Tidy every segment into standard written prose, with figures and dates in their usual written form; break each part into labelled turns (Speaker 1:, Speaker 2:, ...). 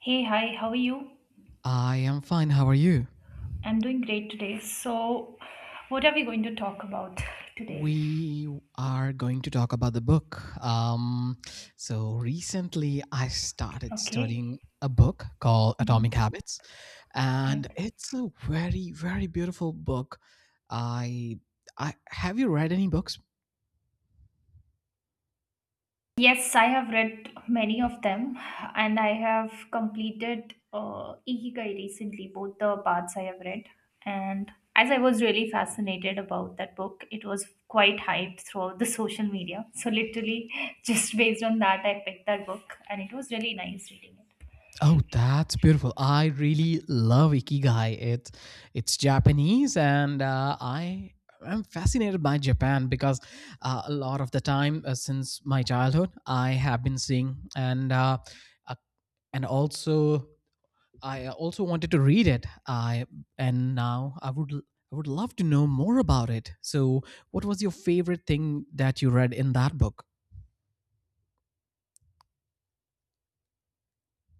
Speaker 1: Hey, hi, how are you?
Speaker 2: I am fine. How are you?
Speaker 1: I'm doing great today. So, what are we going to talk about today?
Speaker 2: We are going to talk about the book. So recently, I started
Speaker 1: Okay.
Speaker 2: studying a book called Atomic
Speaker 1: Hmm.
Speaker 2: Habits, and
Speaker 1: Right.
Speaker 2: it's a very, very beautiful book. I, I have you read any books?
Speaker 1: Yes, I have read many of them and I have completed Ikigai recently, both the parts I have read. And as I was really fascinated about that book, it was quite hyped throughout the social media. So, literally, just based on that, I picked that book and it was really nice reading it.
Speaker 2: Oh, that's beautiful. I really love ikigai. It's Japanese, and I am fascinated by Japan because a lot of the time since my childhood, I have been seeing uh, and also I also wanted to read it. I And now I would love to know more about it. So, what was your favorite thing that you read in that book?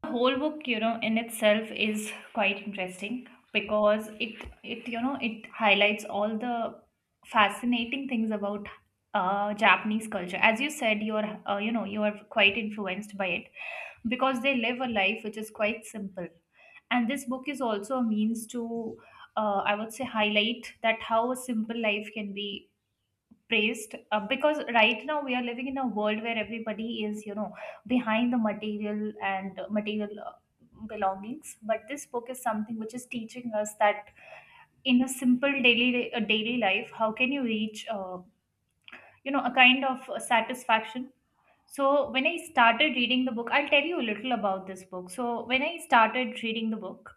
Speaker 1: The whole book, you know, in itself is quite interesting because it you know, it highlights all the fascinating things about Japanese culture. As you said, you're you know, you are quite influenced by it because they live a life which is quite simple, and this book is also a means to I would say, highlight that how a simple life can be praised because right now we are living in a world where everybody is, you know, behind the material and material belongings, but this book is something which is teaching us that in a simple daily life, how can you reach you know, a kind of satisfaction. So when I started reading the book, I'll tell you a little about this book. So when I started reading the book,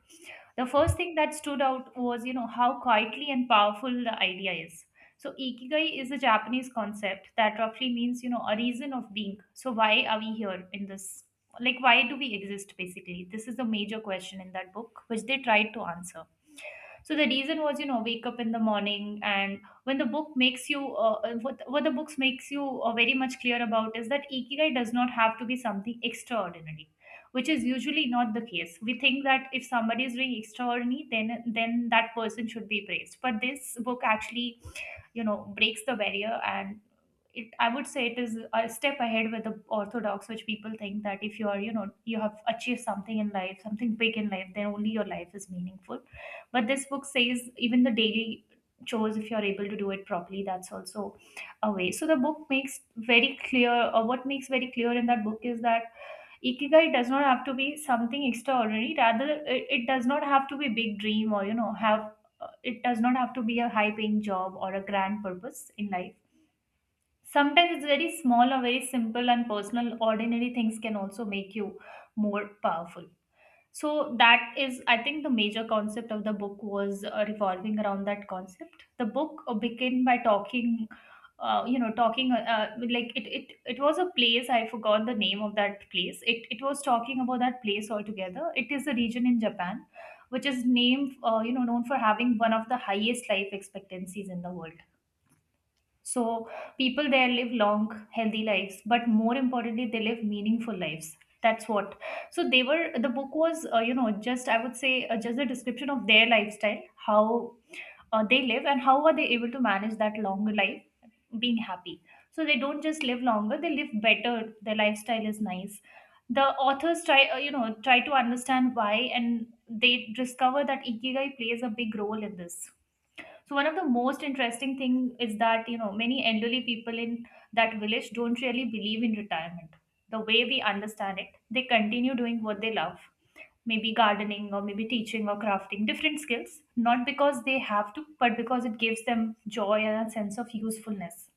Speaker 1: the first thing that stood out was, you know, how quietly and powerful the idea is. So ikigai is a Japanese concept that roughly means, you know, a reason of being. So why are we here in this, like, why do we exist, basically? This is the major question in that book which they tried to answer. So the reason was, you know, wake up in the morning, and when the book makes you what the books makes you very much clear about is that ikigai does not have to be something extraordinary, which is usually not the case. We think that if somebody is doing extraordinary, then that person should be praised, but this book actually, you know, breaks the barrier, and it I would say it is a step ahead with the orthodox, which people think that if you are, you know, you have achieved something in life, something big in life, then only your life is meaningful. But this book says even the daily chores, if you're able to do it properly, that's also a way. So the book makes very clear, or what makes very clear in that book, is that ikigai does not have to be something extraordinary. Rather, it does not have to be big dream or you know have. It does not have to be a high paying job or a grand purpose in life. Sometimes it's very small or very simple, and personal, ordinary things can also make you more powerful. So that is, I think, the major concept of the book was revolving around that concept. The book began by talking, you know talking like it was a place, I forgot the name of that place. It It was talking about that place altogether. It is a region in Japan which is named, you know, known for having one of the highest life expectancies in the world. So people there live long, healthy lives, but more importantly, they live meaningful lives. That's what. So they were. The book was, you know, just, I would say just a description of their lifestyle, how they live, and how are they able to manage that long life, being happy. So they don't just live longer; they live better. Their lifestyle is nice. The authors try, you know, try to understand why, and they discover that ikigai plays a big role in this. So one of the most interesting thing is that, you know, many elderly people in that village don't really believe in retirement, the way we understand it. They continue doing what they love, maybe gardening or maybe teaching or crafting, different skills, not because they have to, but because it gives them joy and a sense of usefulness.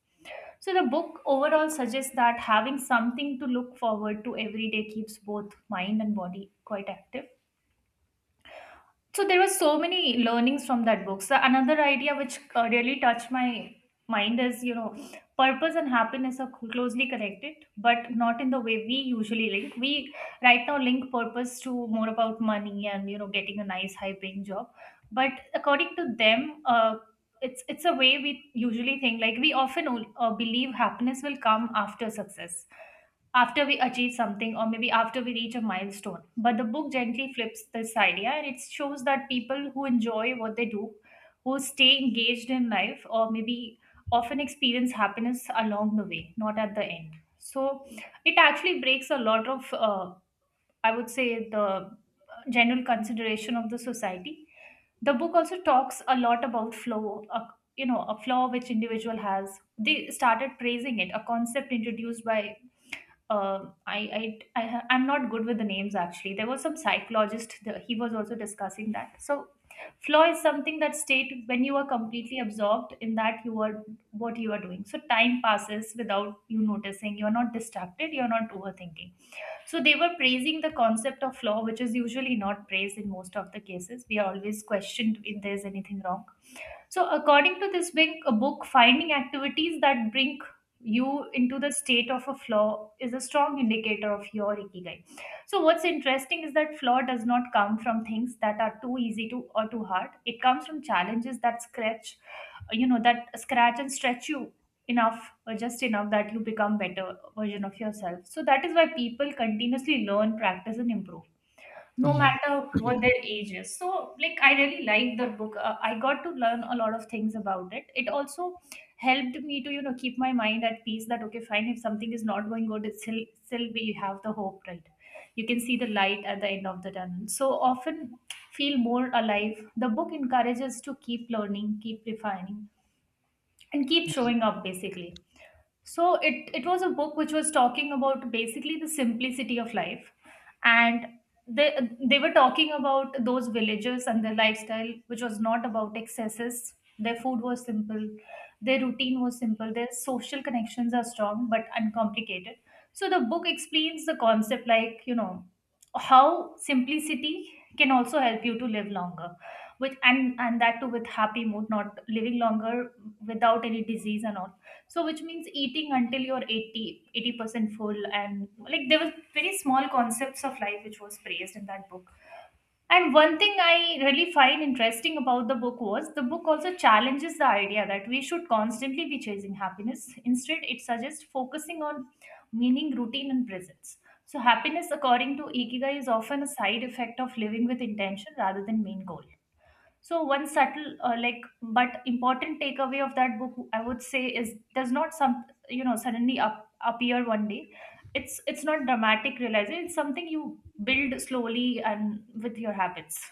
Speaker 1: So the book overall suggests that having something to look forward to every day keeps both mind and body quite active. So there were so many learnings from that book. So another idea which really touched my mind is, you know, purpose and happiness are closely connected, but not in the way we usually link. We right now link purpose to more about money and, you know, getting a nice high paying job. But according to them, it's a way we usually think, like we often believe happiness will come after success, after we achieve something, or maybe after we reach a milestone. But the book gently flips this idea, and it shows that people who enjoy what they do, who stay engaged in life, or maybe often experience happiness along the way, not at the end. So it actually breaks a lot of, I would say, the general consideration of the society. The book also talks a lot about flow, a, you know, a flaw which individual has. They started praising it, a concept introduced by I'm not good with the names, actually. There was some psychologist, he was also discussing that. So flow is something, that state when you are completely absorbed in that you are what you are doing. So time passes without you noticing. You're not distracted, you're not overthinking. So they were praising the concept of flow, which is usually not praised in most of the cases. We are always questioned if there's anything wrong. So according to this big book, finding activities that bring you into the state of a flaw is a strong indicator of your ikigai. So what's interesting is that flaw does not come from things that are too easy to or too hard. It comes from challenges that scratch, you know, that scratch and stretch you enough, or just enough that you become better version of yourself. So that is why people continuously learn, practice, and improve, no matter what their age is. So, like, I really liked the book. I got to learn a lot of things about it. It also helped me to, you know, keep my mind at peace that, okay, fine, if something is not going good, it's still we have the hope, right? You can see the light at the end of the tunnel. So often feel more alive. The book encourages to keep learning, keep refining, and keep showing up, basically. So it was a book which was talking about basically the simplicity of life, and they were talking about those villagers and their lifestyle, which was not about excesses. Their food was simple, their routine was simple, their social connections are strong but uncomplicated. So the book explains the concept, like, you know, how simplicity can also help you to live longer with, and that too with happy mood, not living longer without any disease and all. So, which means eating until you're eighty percent full. And like there were very small concepts of life which was praised in that book. And one thing I really find interesting about the book was the book also challenges the idea that we should constantly be chasing happiness. Instead, it suggests focusing on meaning, routine, and presence. So happiness, according to Ikigai, is often a side effect of living with intention rather than main goal. So one subtle, like, but important takeaway of that book, I would say, is does not some, you know, suddenly up, appear one day. It's not dramatic realization. It's something you build slowly and with your habits.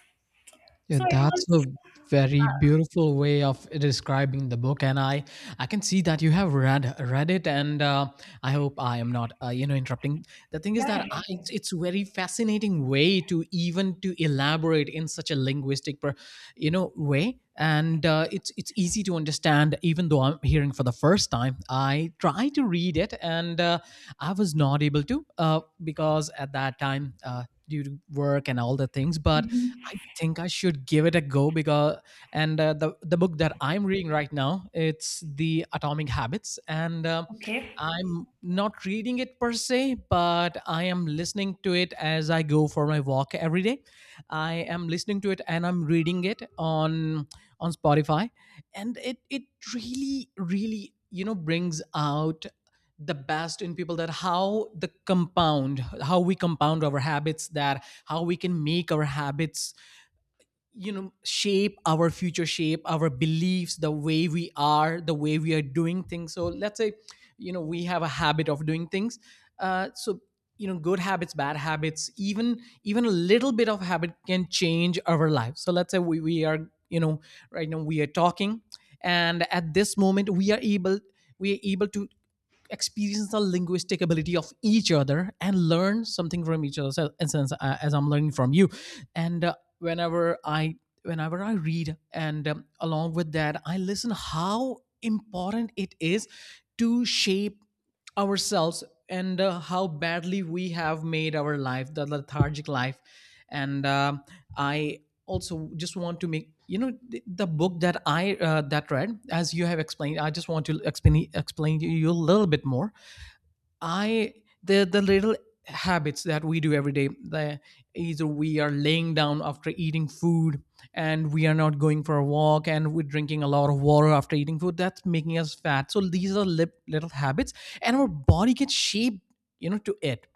Speaker 2: Yeah,
Speaker 1: So it was,
Speaker 2: that's a very
Speaker 1: uh,
Speaker 2: beautiful way of describing the book, and I can see that you have read it, and I hope I am not interrupting. The thing is
Speaker 1: yeah, yeah,
Speaker 2: that I,
Speaker 1: okay.
Speaker 2: it's very fascinating way to even to elaborate in such a linguistic per, you know way, and it's easy to understand. Even though I'm hearing for the first time, I try to read it, and I was not able to because at that time. Due to work and all the things, but
Speaker 1: Hmm.
Speaker 2: I think I should give it a go because and the book that I'm reading right now, it's the Atomic Habits and.
Speaker 1: Okay.
Speaker 2: I'm not reading it per se, but I am listening to it as I go for my walk every day. I am listening to it, and I'm reading it on Spotify, and it really brings out the best in people, that how the compound how we compound our habits, that how we can make our habits shape our future, shape our beliefs, the way we are, the way we are doing things. So let's say we have a habit of doing things, so good habits, bad habits, even a little bit of habit can change our life. So let's say we are right now we are talking, and at this moment we are able to experience the linguistic ability of each other and learn something from each other. So, and since as I'm learning from you, and whenever I read, and along with that, I listen how important it is to shape ourselves, and how badly we have made our life, the lethargic life. And um i also just want to make the book that I that read, as you have explained, I just want to explain to you a little bit more. I The little habits that we do every day. The Either we are laying down after eating food, and we are not going for a walk, and we're drinking a lot of water after eating food. That's making us fat. So these are little habits, and our body gets shaped, you know, to it.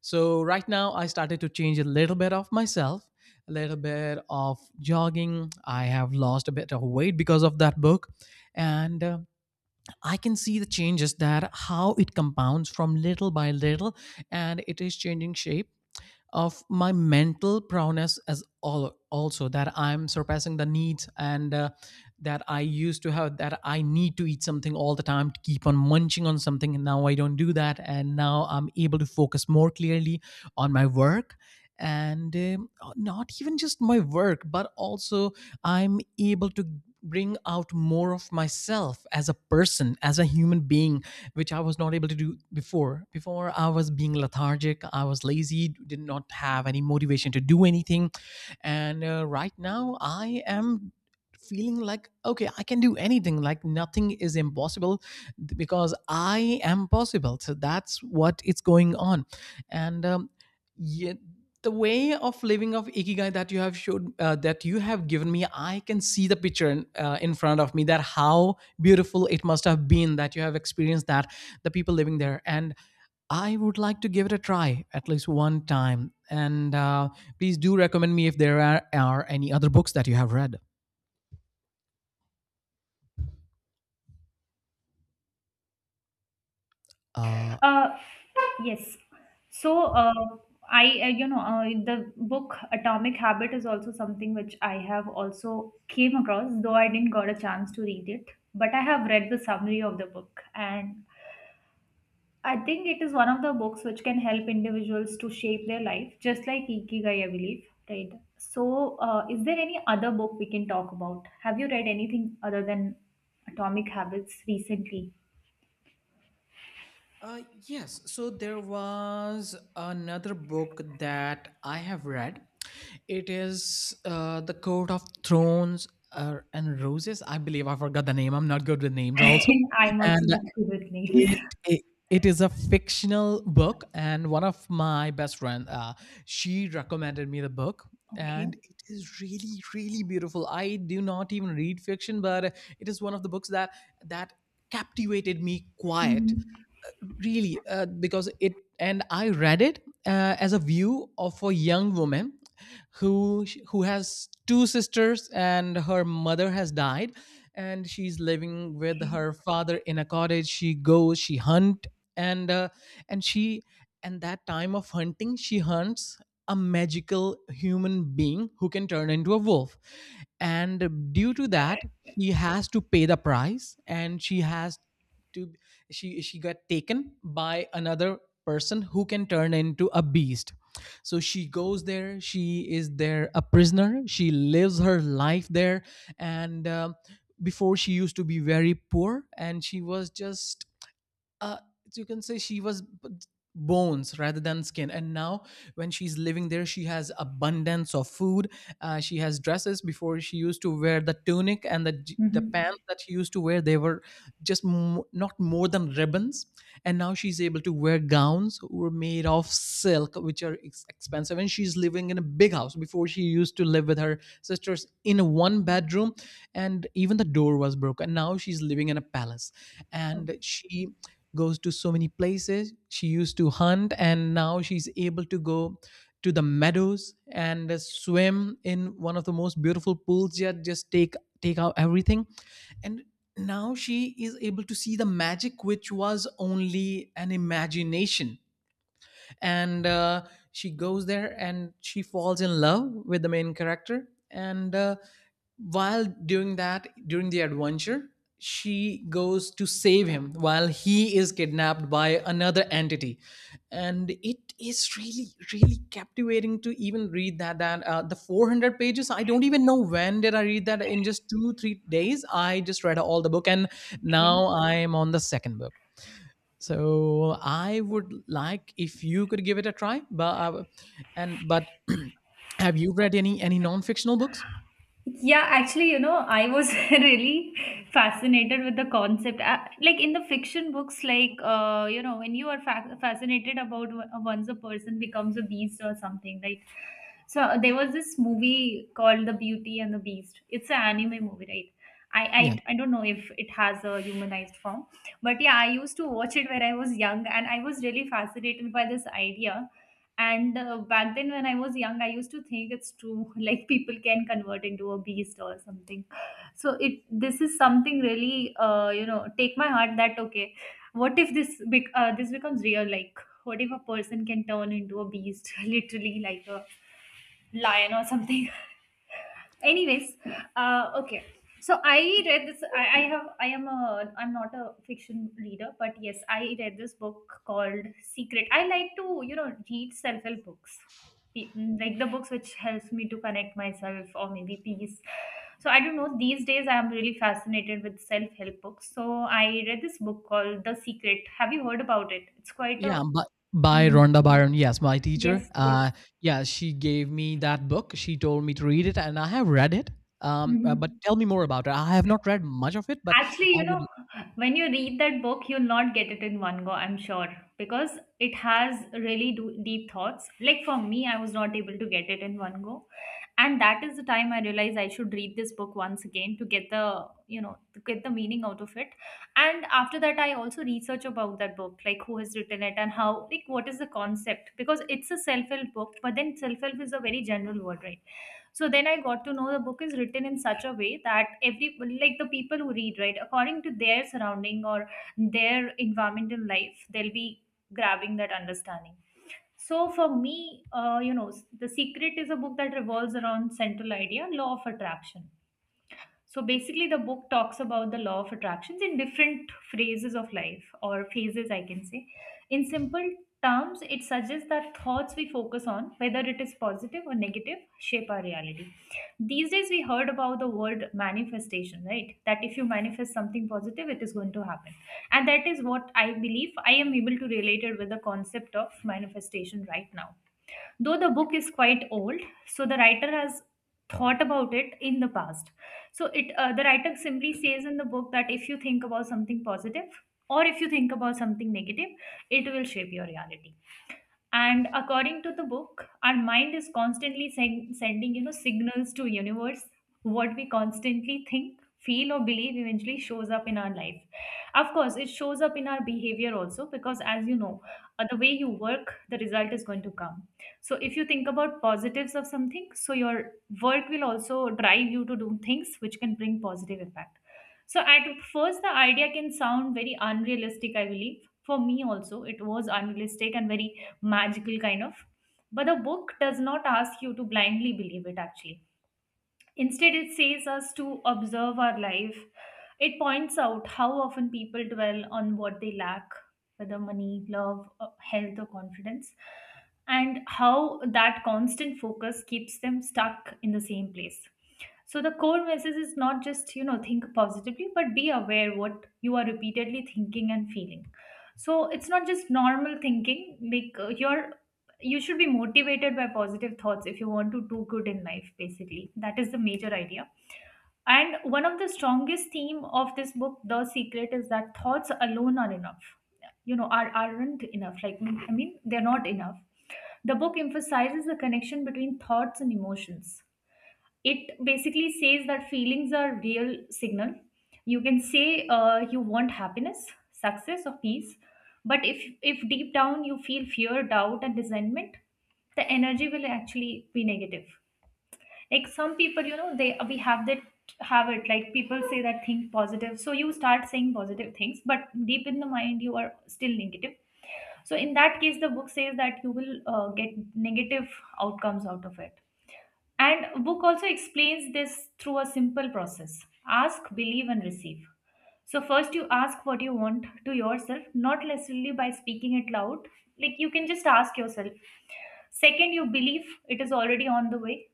Speaker 2: So right now, I started to change a little bit of myself, a little bit of jogging. I have lost a bit of weight because of that book, and I can see the changes, that how it compounds from little by little, and it is changing shape of my mental prowess, as all also, that I'm surpassing the needs, and that I used to have, that I need to eat something all the time, to keep on munching on something, and now I don't do that, and now I'm able to focus more clearly on my work, and not even just my work, but also I'm able to bring out more of myself, as a person, as a human being, which I was not able to do before. Before I was being lethargic, I was lazy, did not have any motivation to do anything. And right now, I am feeling like, okay, I can do anything, like nothing is impossible, because I am possible. So that's what it's going on. And Yeah, the way of living of ikigai that you have given me, I can see the picture in front of me, that how beautiful it must have been, that you have experienced that, the people living there. And I would like to give it a try at least one time. And please do recommend me if there are any other books that you have read. uh,
Speaker 1: Uh, Yes. So, I, the book Atomic Habit is also something which I have also came across, though I didn't got a chance to read it. But I have read the summary of the book, and I think it is one of the books which can help individuals to shape their life, just like Ikigai, I believe, right? So, is there any other book we can talk about? Have you read anything other than Atomic Habits recently?
Speaker 2: Yes. So there was another book that I have read. It is The Court of Thrones and Roses. I believe I forgot the name. I'm not good with names, also.
Speaker 1: I'm also
Speaker 2: And
Speaker 1: not good with names.
Speaker 2: it, it it is a fictional book, and one of my best friend, she recommended me the book,
Speaker 1: Okay.
Speaker 2: and it is really, really beautiful. I do not even read fiction, but it is one of the books that captivated me quiet
Speaker 1: Mhm.
Speaker 2: really, because it and I read it as a view of a young woman who has two sisters, and her mother has died, and she's living with
Speaker 1: Okay.
Speaker 2: her father in a cottage. She goes, she hunt, and uh, and she and that time of hunting, she hunts a magical human being who can turn into a wolf. And due to that, she has to pay the price, and she has to she got taken by another person who can turn into a beast. So she goes there, she is there a prisoner, she lives her life there. And Before, she used to be very poor, and she was just, uh, you can say, she was bones rather than skin. And now, when she's living there, she has abundance of food. She has dresses. Before, she used to wear the tunic and the
Speaker 1: Mm-hmm.
Speaker 2: pants that she used to wear, they were just not more than ribbons. And now she's able to wear gowns who are made of silk, which are expensive, and she's living in a big house. Before, she used to live with her sisters in a one bedroom, and even the door was broken. Now she's living in a palace, and she goes to so many places. She used to hunt, and now she's able to go to the meadows and swim in one of the most beautiful pools that just take out everything. And now she is able to see the magic which was only an imagination. And she goes there, and she falls in love with the main character. And while doing that, during the adventure, she goes to save him while he is kidnapped by another entity. And it is really, really captivating to even read that that the 400 pages. I don't even know when did I read that, in just 2-3 days I just read all the book, and
Speaker 1: Okay.
Speaker 2: now I am on the second book. So I would like if you could give it a try. But have you read any non fictional books?
Speaker 1: Yeah, actually, you know, I was really fascinated with the concept. Like in the fiction books, like, you know, when you are fascinated about once a person becomes a beast or something, like, so there was this movie called The Beauty and the Beast. It's an anime movie, right?
Speaker 2: Yeah,
Speaker 1: I, I don't know if it has a humanized form, but yeah, I used to watch it when I was young and I was really fascinated by this idea. And back then, when I was young, I used to think it's true, like people can convert into a beast or something. So it this is something really, take my heart that okay, what if this becomes real? Like, what if a person can turn into a beast, literally, like a lion or something. Anyways, okay, so I read this. I have I am a I'm not a fiction reader, but yes, I read this book called Secret. I like to read self-help books. Like the books which helps me to connect myself or maybe peace. So I don't know, these days I am really fascinated with self-help books, so I read this book called The Secret. Have you heard about it? It's quite a
Speaker 2: yeah, but by
Speaker 1: mm,
Speaker 2: Rhonda Byron. Yes, my
Speaker 1: yes,
Speaker 2: teacher.
Speaker 1: yes.
Speaker 2: Yeah, she gave me that book. She told me to read it, and I have read it. But
Speaker 1: Mhm.
Speaker 2: tell me more about it. I have not read much of it, but
Speaker 1: Actually,
Speaker 2: I
Speaker 1: you
Speaker 2: would.
Speaker 1: know, when you read that book, you'll not get it in one go, I'm sure, because it has really deep thoughts. Like for me, I was not able to get it in one go. And that is the time I realized I should read this book once again to get the, you know, to get the meaning out of it. And after that, I also research about that book, like who has written it and how, like, what is the concept? Because it's a self-help book, but then self-help is a very general word, right? So then I got to know the book is written in such a way that every — like the people who read, right, according to their surrounding or their environment in life, they'll be grabbing that understanding. So for me, The Secret is a book that revolves around central idea: law of attraction. So basically, the book talks about the law of attractions in different phases of life, or phases, I can say. In simple terms, it suggests that thoughts we focus on, whether it is positive or negative, shape our reality. These days, we heard about the word manifestation, right? That if you manifest something positive, it is going to happen. And that is what I believe. I am able to relate it with the concept of manifestation right now. Though the book is quite old, so the writer has thought about it in the past. So it the writer simply says in the book that if you think about something positive or if you think about something negative, it will shape your reality. And according to the book, our mind is constantly sending, you know, signals to universe. What we constantly think, feel or believe eventually shows up in our life. Of course it shows up in our behavior also because, as you know, the way you work, the result is going to come. So if you think about positives of something, so your work will also drive you to do things which can bring positive impact. So at first the idea can sound very unrealistic. I believe for me also it was unrealistic and very magical kind of. But the book does not ask you to blindly believe it actually. Instead, it says us to observe our life. It points out how often people dwell on what they lack, whether money, love, health, or confidence, and how that constant focus keeps them stuck in the same place. So the core message is not just, you know, think positively, but be aware what you are repeatedly thinking and feeling. So it's not just normal thinking, like you should be motivated by positive thoughts if you want to do good in life. Basically that is the major idea. And one of the strongest theme of this book, The Secret, is that thoughts alone are enough — you know, aren't enough, like, I mean, they're not enough. The book emphasizes the connection between thoughts and emotions. It basically says that feelings are real signal, you can say. You want happiness, success or peace, but if deep down you feel fear, doubt and resentment, the energy will actually be negative. Like some people, you know, they we have that habit. Like people say that think positive, so you start saying positive things, but deep in the mind you are still negative. So in that case the book says that you will get negative outcomes out of it. And book also explains this through a simple process. Ask, believe and receive. So first you ask what you want to yourself, not necessarily by speaking it loud. Like you can just ask yourself. Second, you believe it is already on the way.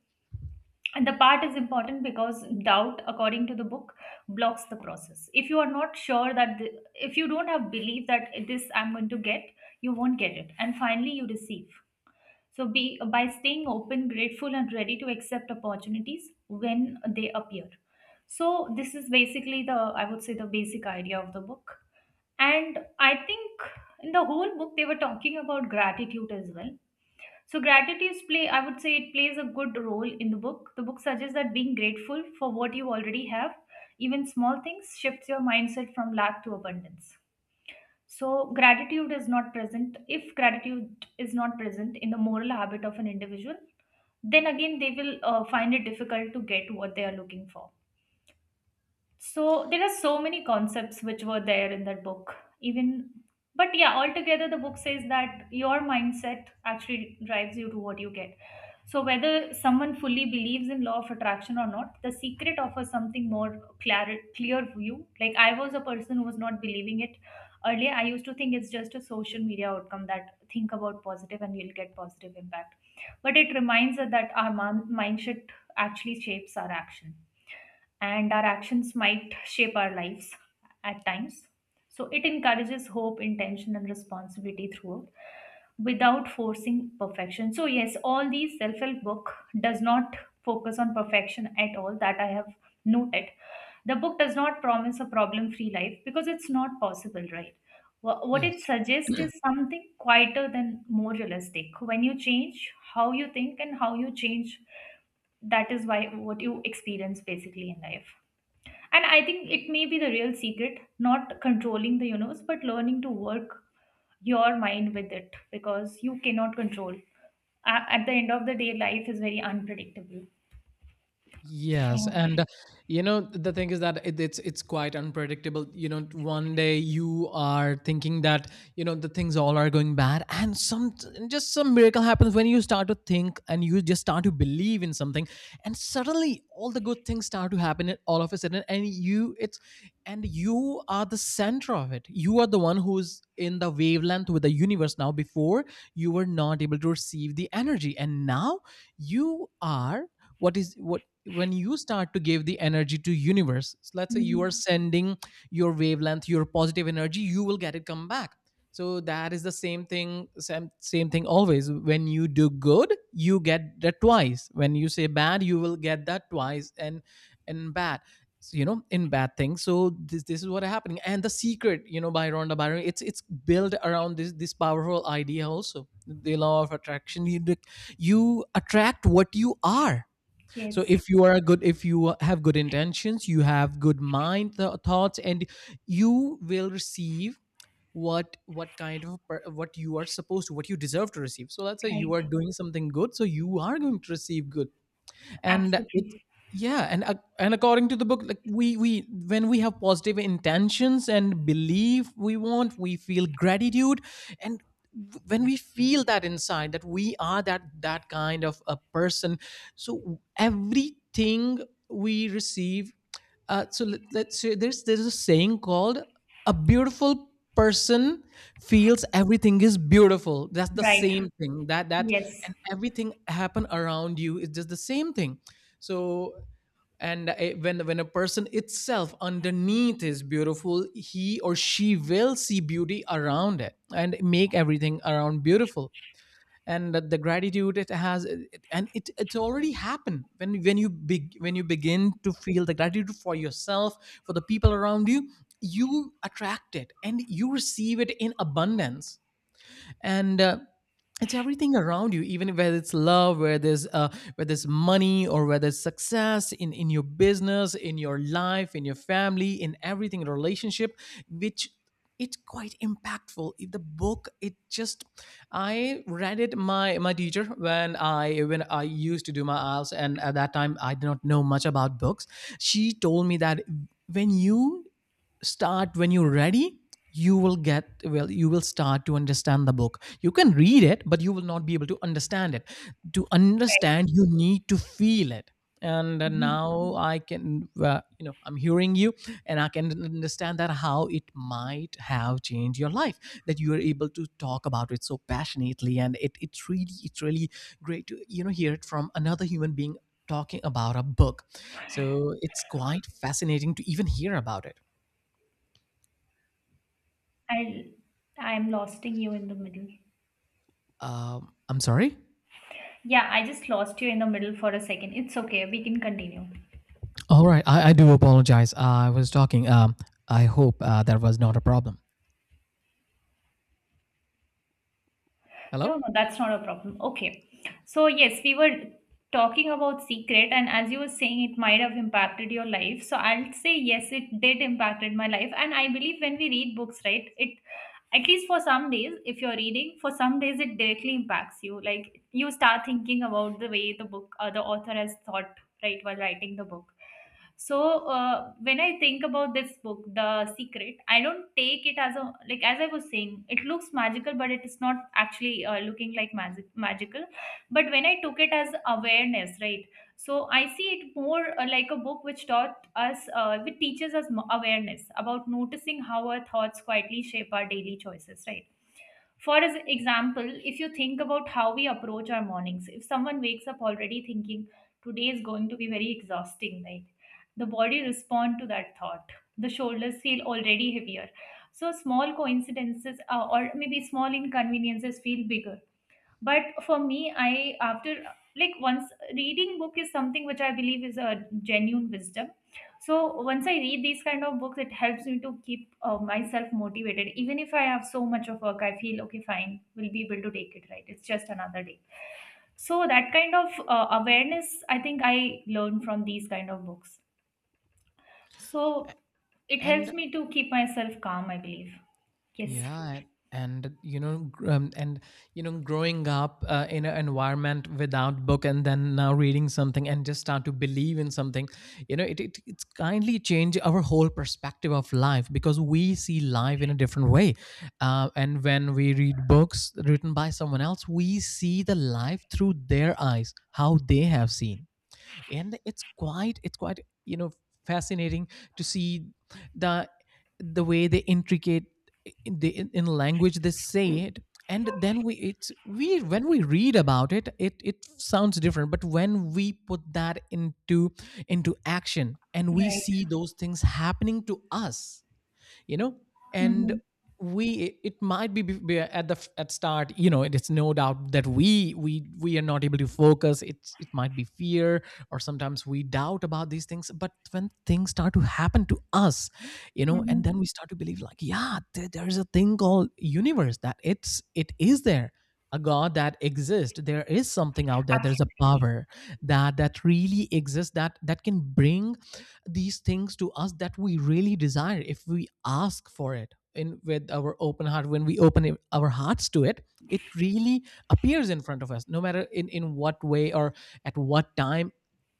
Speaker 1: And the part is important because doubt, according to the book, blocks the process. If you are not sure that, the, if you don't have belief that this I'm going to get, you won't get it. And finally, you receive. So be by staying open, grateful, and ready to accept opportunities when they appear. So this is basically the, I would say, the basic idea of the book. And I think in the whole book they were talking about gratitude as well. So gratitude play, I would say it plays a good role in the book. The book suggests that being grateful for what you already have, even small things, shifts your mindset from lack to abundance. So gratitude is not present in the moral habit of an individual, then again they will find it difficult to get what they are looking for. So there are so many concepts which were there in that book, even. But yeah, altogether the book says that your mindset actually drives you to what you get. So whether someone fully believes in law of attraction or not, The Secret offers something more clear view. Like I was a person who was not believing it earlier. I used to think it's just a social media outcome that think about positive and you'll get positive impact. But it reminds us that our mind should actually shapes our action, and our actions might shape our lives at times. So it encourages hope, intention, and responsibility throughout without forcing perfection. So yes, all these self-help book does not focus on perfection at all, that I have noted. The book does not promise a problem-free life because it's not possible, right? What it
Speaker 2: Yes.
Speaker 1: suggests is something quieter than more realistic. When you change how you think and how you change, that is why what you experience basically in life. And I think it may be the real secret, not controlling the universe, but learning to work your mind with it, because you cannot control. At the end of the day, life is very unpredictable.
Speaker 2: Yes,
Speaker 1: So
Speaker 2: and the thing is that it's quite unpredictable. You know, one day you are thinking that the things all are going bad, and just some miracle happens when you start to think and you just start to believe in something, and suddenly all the good things start to happen and all of a sudden, and you are the center of it. You are the one who's in the wavelength with the universe now. Before you were not able to receive the energy, and now you are. What is what When you start to give the energy to universe, so let's say you are
Speaker 1: mhm,
Speaker 2: sending your wavelength, your positive energy, you will get it come back. So that is the same thing. Same thing always. When you do good, you get that twice. When you say bad, you will get that twice. And bad. So in bad things, so this is what is happening. And The Secret, you know, by Rhonda Byron, it's built around this powerful idea, also the law of attraction. You attract what you are. So
Speaker 1: yes,
Speaker 2: if you are a good if you have good intentions, you have good mind thoughts, and you will receive what kind of per- what you are supposed to, what you deserve to receive. So let's say you
Speaker 1: right,
Speaker 2: are doing something good, so you are going to receive good. And it
Speaker 1: absolutely,
Speaker 2: Yeah, and according to the book, like we when we have positive intentions and believe, we want, we feel gratitude, and when we feel that inside, that we are that that kind of a person, so everything we receive. So let's say there's a saying called a beautiful person feels everything is beautiful. That's the
Speaker 1: right,
Speaker 2: same thing. That that
Speaker 1: yes,
Speaker 2: And everything happen around you is just the same thing. So, and when a person itself underneath is beautiful, he or she will see beauty around it and make everything around beautiful, and the gratitude it has. And it's already happened when when you begin to feel the gratitude for yourself, for the people around you, you attract it and you receive it in abundance. And It's everything around you, even whether it's love, whether there's money, or whether it's success in your business, in your life, in your family, in everything, in a relationship, which, it's quite impactful, the book. It just, I read it, my teacher, when I used to do my IELTS, and at that time I did not know much about books. She told me that when you start, when you're ready, you will get, well, you will start to understand the book. You can read it but you will not be able to understand it. To
Speaker 1: right.
Speaker 2: understand, you need to feel it. And
Speaker 1: Mhm.
Speaker 2: now I can, you know, I'm hearing you, and I can understand that how it might have changed your life, that you are able to talk about it so passionately, and it's really, it's really great to, you know, hear it from another human being talking about a book. So it's quite fascinating to even hear about it.
Speaker 1: i I am losting you in the middle.
Speaker 2: I'm sorry.
Speaker 1: Yeah, I just lost you in the middle for a second. It's okay, we can continue.
Speaker 2: All right, I do apologize. I was talking. I hope that was not a problem.
Speaker 1: No,
Speaker 2: Hello.
Speaker 1: no, that's not a problem. Okay. So, yes, we were talking about Secret, and as you were saying, it might have impacted your life. So, I'll say yes, it did impacted my life. And I believe when we read books, right, it — at least for some days, if you're reading, for some days it directly impacts you. Like you start thinking about the way the book or the author has thought, right, while writing the book. So when I think about this book, The Secret, I don't take it as a, like as I was saying, it looks magical, but it is not actually looking like magical. But when I took it as awareness, right, so I see it more like a book which taught us, which teaches us awareness about noticing how our thoughts quietly shape our daily choices, right? For as example, if you think about how we approach our mornings, if someone wakes up already thinking today is going to be very exhausting, right, the body respond to that thought. The shoulders feel already heavier, so small coincidences, or maybe small inconveniences, feel bigger. But for me, I after like once reading book is something which I believe is a genuine wisdom. So once I read these kind of books, it helps me to keep myself motivated. Even if I have so much of work, I feel okay, fine, we'll be able to take it, right, it's just another day. So that kind of awareness, I think, I learned from these kind of books. So it helps
Speaker 2: And
Speaker 1: me to keep myself calm, I believe. Yes,
Speaker 2: Yeah, and you know, gr- and you know, growing up in an environment without book, and then now reading something and just start to believe in something, you know, it's kindly changed our whole perspective of life because we see life in a different way. And when we read books written by someone else, we see the life through their eyes, how they have seen. And it's quite, you know, fascinating to see the the way they intricate in the in language they say it. And then we it's we when we read about it, it sounds different, but when we put that into action and we
Speaker 1: right.
Speaker 2: see those things happening to us, you know, and
Speaker 1: Hmm.
Speaker 2: we it might be at the at start, you know. It's no doubt that we are not able to focus. It's, it might be fear, or sometimes we doubt about these things, but when things start to happen to us, you know,
Speaker 1: Hmm.
Speaker 2: and then we start to believe, like, yeah, there's a thing called universe, that it is there, a god that exists. There is something out there, there's a
Speaker 1: Absolutely.
Speaker 2: power that really exists, that can bring these things to us that we really desire, if we ask for it, in, with our open heart. When we open our hearts to it, it really appears in front of us, no matter in what way or at what time,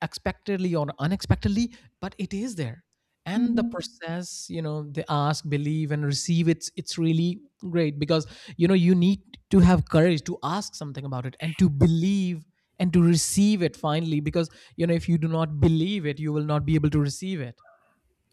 Speaker 2: expectedly or unexpectedly, but it is there. And the
Speaker 1: Hmm.
Speaker 2: process, you know, they ask, believe and receive, it's really great because, you know, you need to have courage to ask something about it, and to believe, and to receive it finally, because, you know, if you do not believe it, you will not be able to receive it.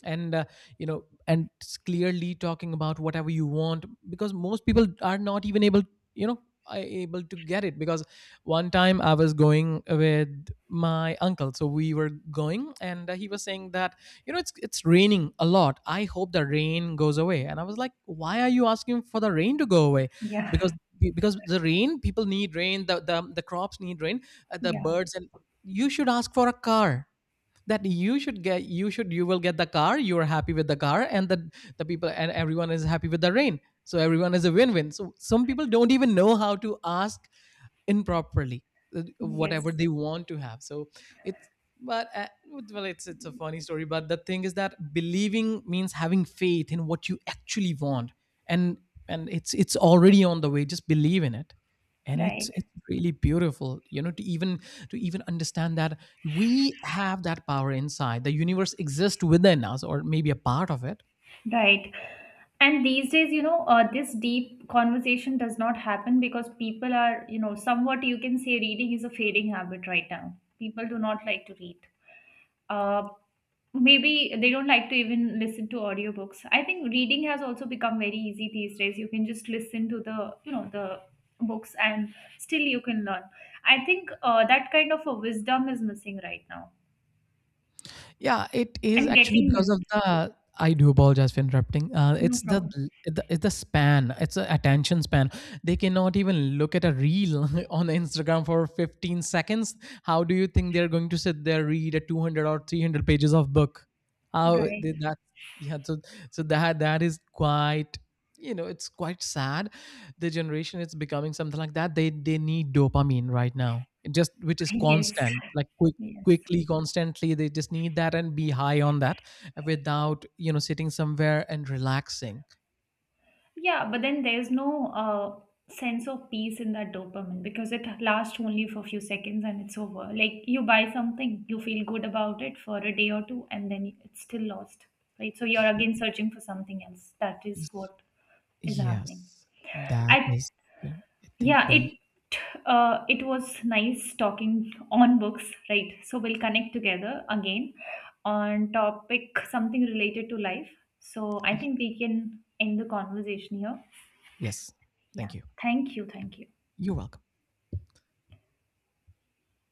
Speaker 2: And uh, you know and clearly talking about whatever you want, because most people are not even able, you know, are able to get it because, one time I was going with my uncle, so we were going and he was saying that, you know, it's raining a lot, I hope the rain goes away. And I was like, why are you asking for the rain to go away?
Speaker 1: Yeah,
Speaker 2: Because the rain, people need rain, the the crops need rain, the
Speaker 1: yeah,
Speaker 2: birds, and you should ask for a car, that you should, you will get the car, you are happy with the car, and the people and everyone is happy with the rain, so everyone is a win-win. So some people don't even know how to ask improperly whatever
Speaker 1: yes,
Speaker 2: they want to have. So it's, but well, it's a funny story, but the thing is that believing means having faith in what you actually want, and it's already on the way, just believe in it. And
Speaker 1: right,
Speaker 2: it's really beautiful, you know, to even understand that we have that power inside. The universe exists within us, or maybe a part of it.
Speaker 1: right. And these days, you know, this deep conversation does not happen because people are, you know, somewhat you can say reading is a fading habit right now. People do not like to read. uh, Maybe they don't like to even listen to audiobooks. I think reading has also become very easy these days. You can just listen to the, you know, the books, and still you can learn. I think that kind of a wisdom is missing right now
Speaker 2: Yeah, it is
Speaker 1: and
Speaker 2: actually
Speaker 1: getting
Speaker 2: because
Speaker 1: missed.
Speaker 2: of the, I do apologize for interrupting.
Speaker 1: No
Speaker 2: It's the,
Speaker 1: problem.
Speaker 2: it's the span. It's the attention span. They cannot even look at a reel on Instagram for 15 seconds. How do you think they're going to sit there read a 200 or 300 pages of book? How
Speaker 1: Right.
Speaker 2: they, that? Yeah, so, that is quite, you know, it's quite sad. The generation is becoming something like that. They need dopamine right now. It just which is
Speaker 1: Yes,
Speaker 2: constant, like quick,
Speaker 1: yes.
Speaker 2: quickly, constantly, they just need that and be high on that, without, you know, sitting somewhere and relaxing.
Speaker 1: Yeah, but then there's no sense of peace in that dopamine because it lasts only for a few seconds and it's over. Like you buy something, you feel good about it for a day or two, and then it's still lost, right? So you're
Speaker 2: Y-
Speaker 1: again searching for something else. That is
Speaker 2: y-
Speaker 1: what is happening.
Speaker 2: yes, that
Speaker 1: I
Speaker 2: is, I think
Speaker 1: yeah,
Speaker 2: we,
Speaker 1: it It was nice talking on books, right? So we'll connect together again on topic something related to life. So I
Speaker 2: y-
Speaker 1: think we can end the conversation here.
Speaker 2: yes,
Speaker 1: Yeah.
Speaker 2: thank you.
Speaker 1: Thank you. Thank you.
Speaker 2: You're welcome.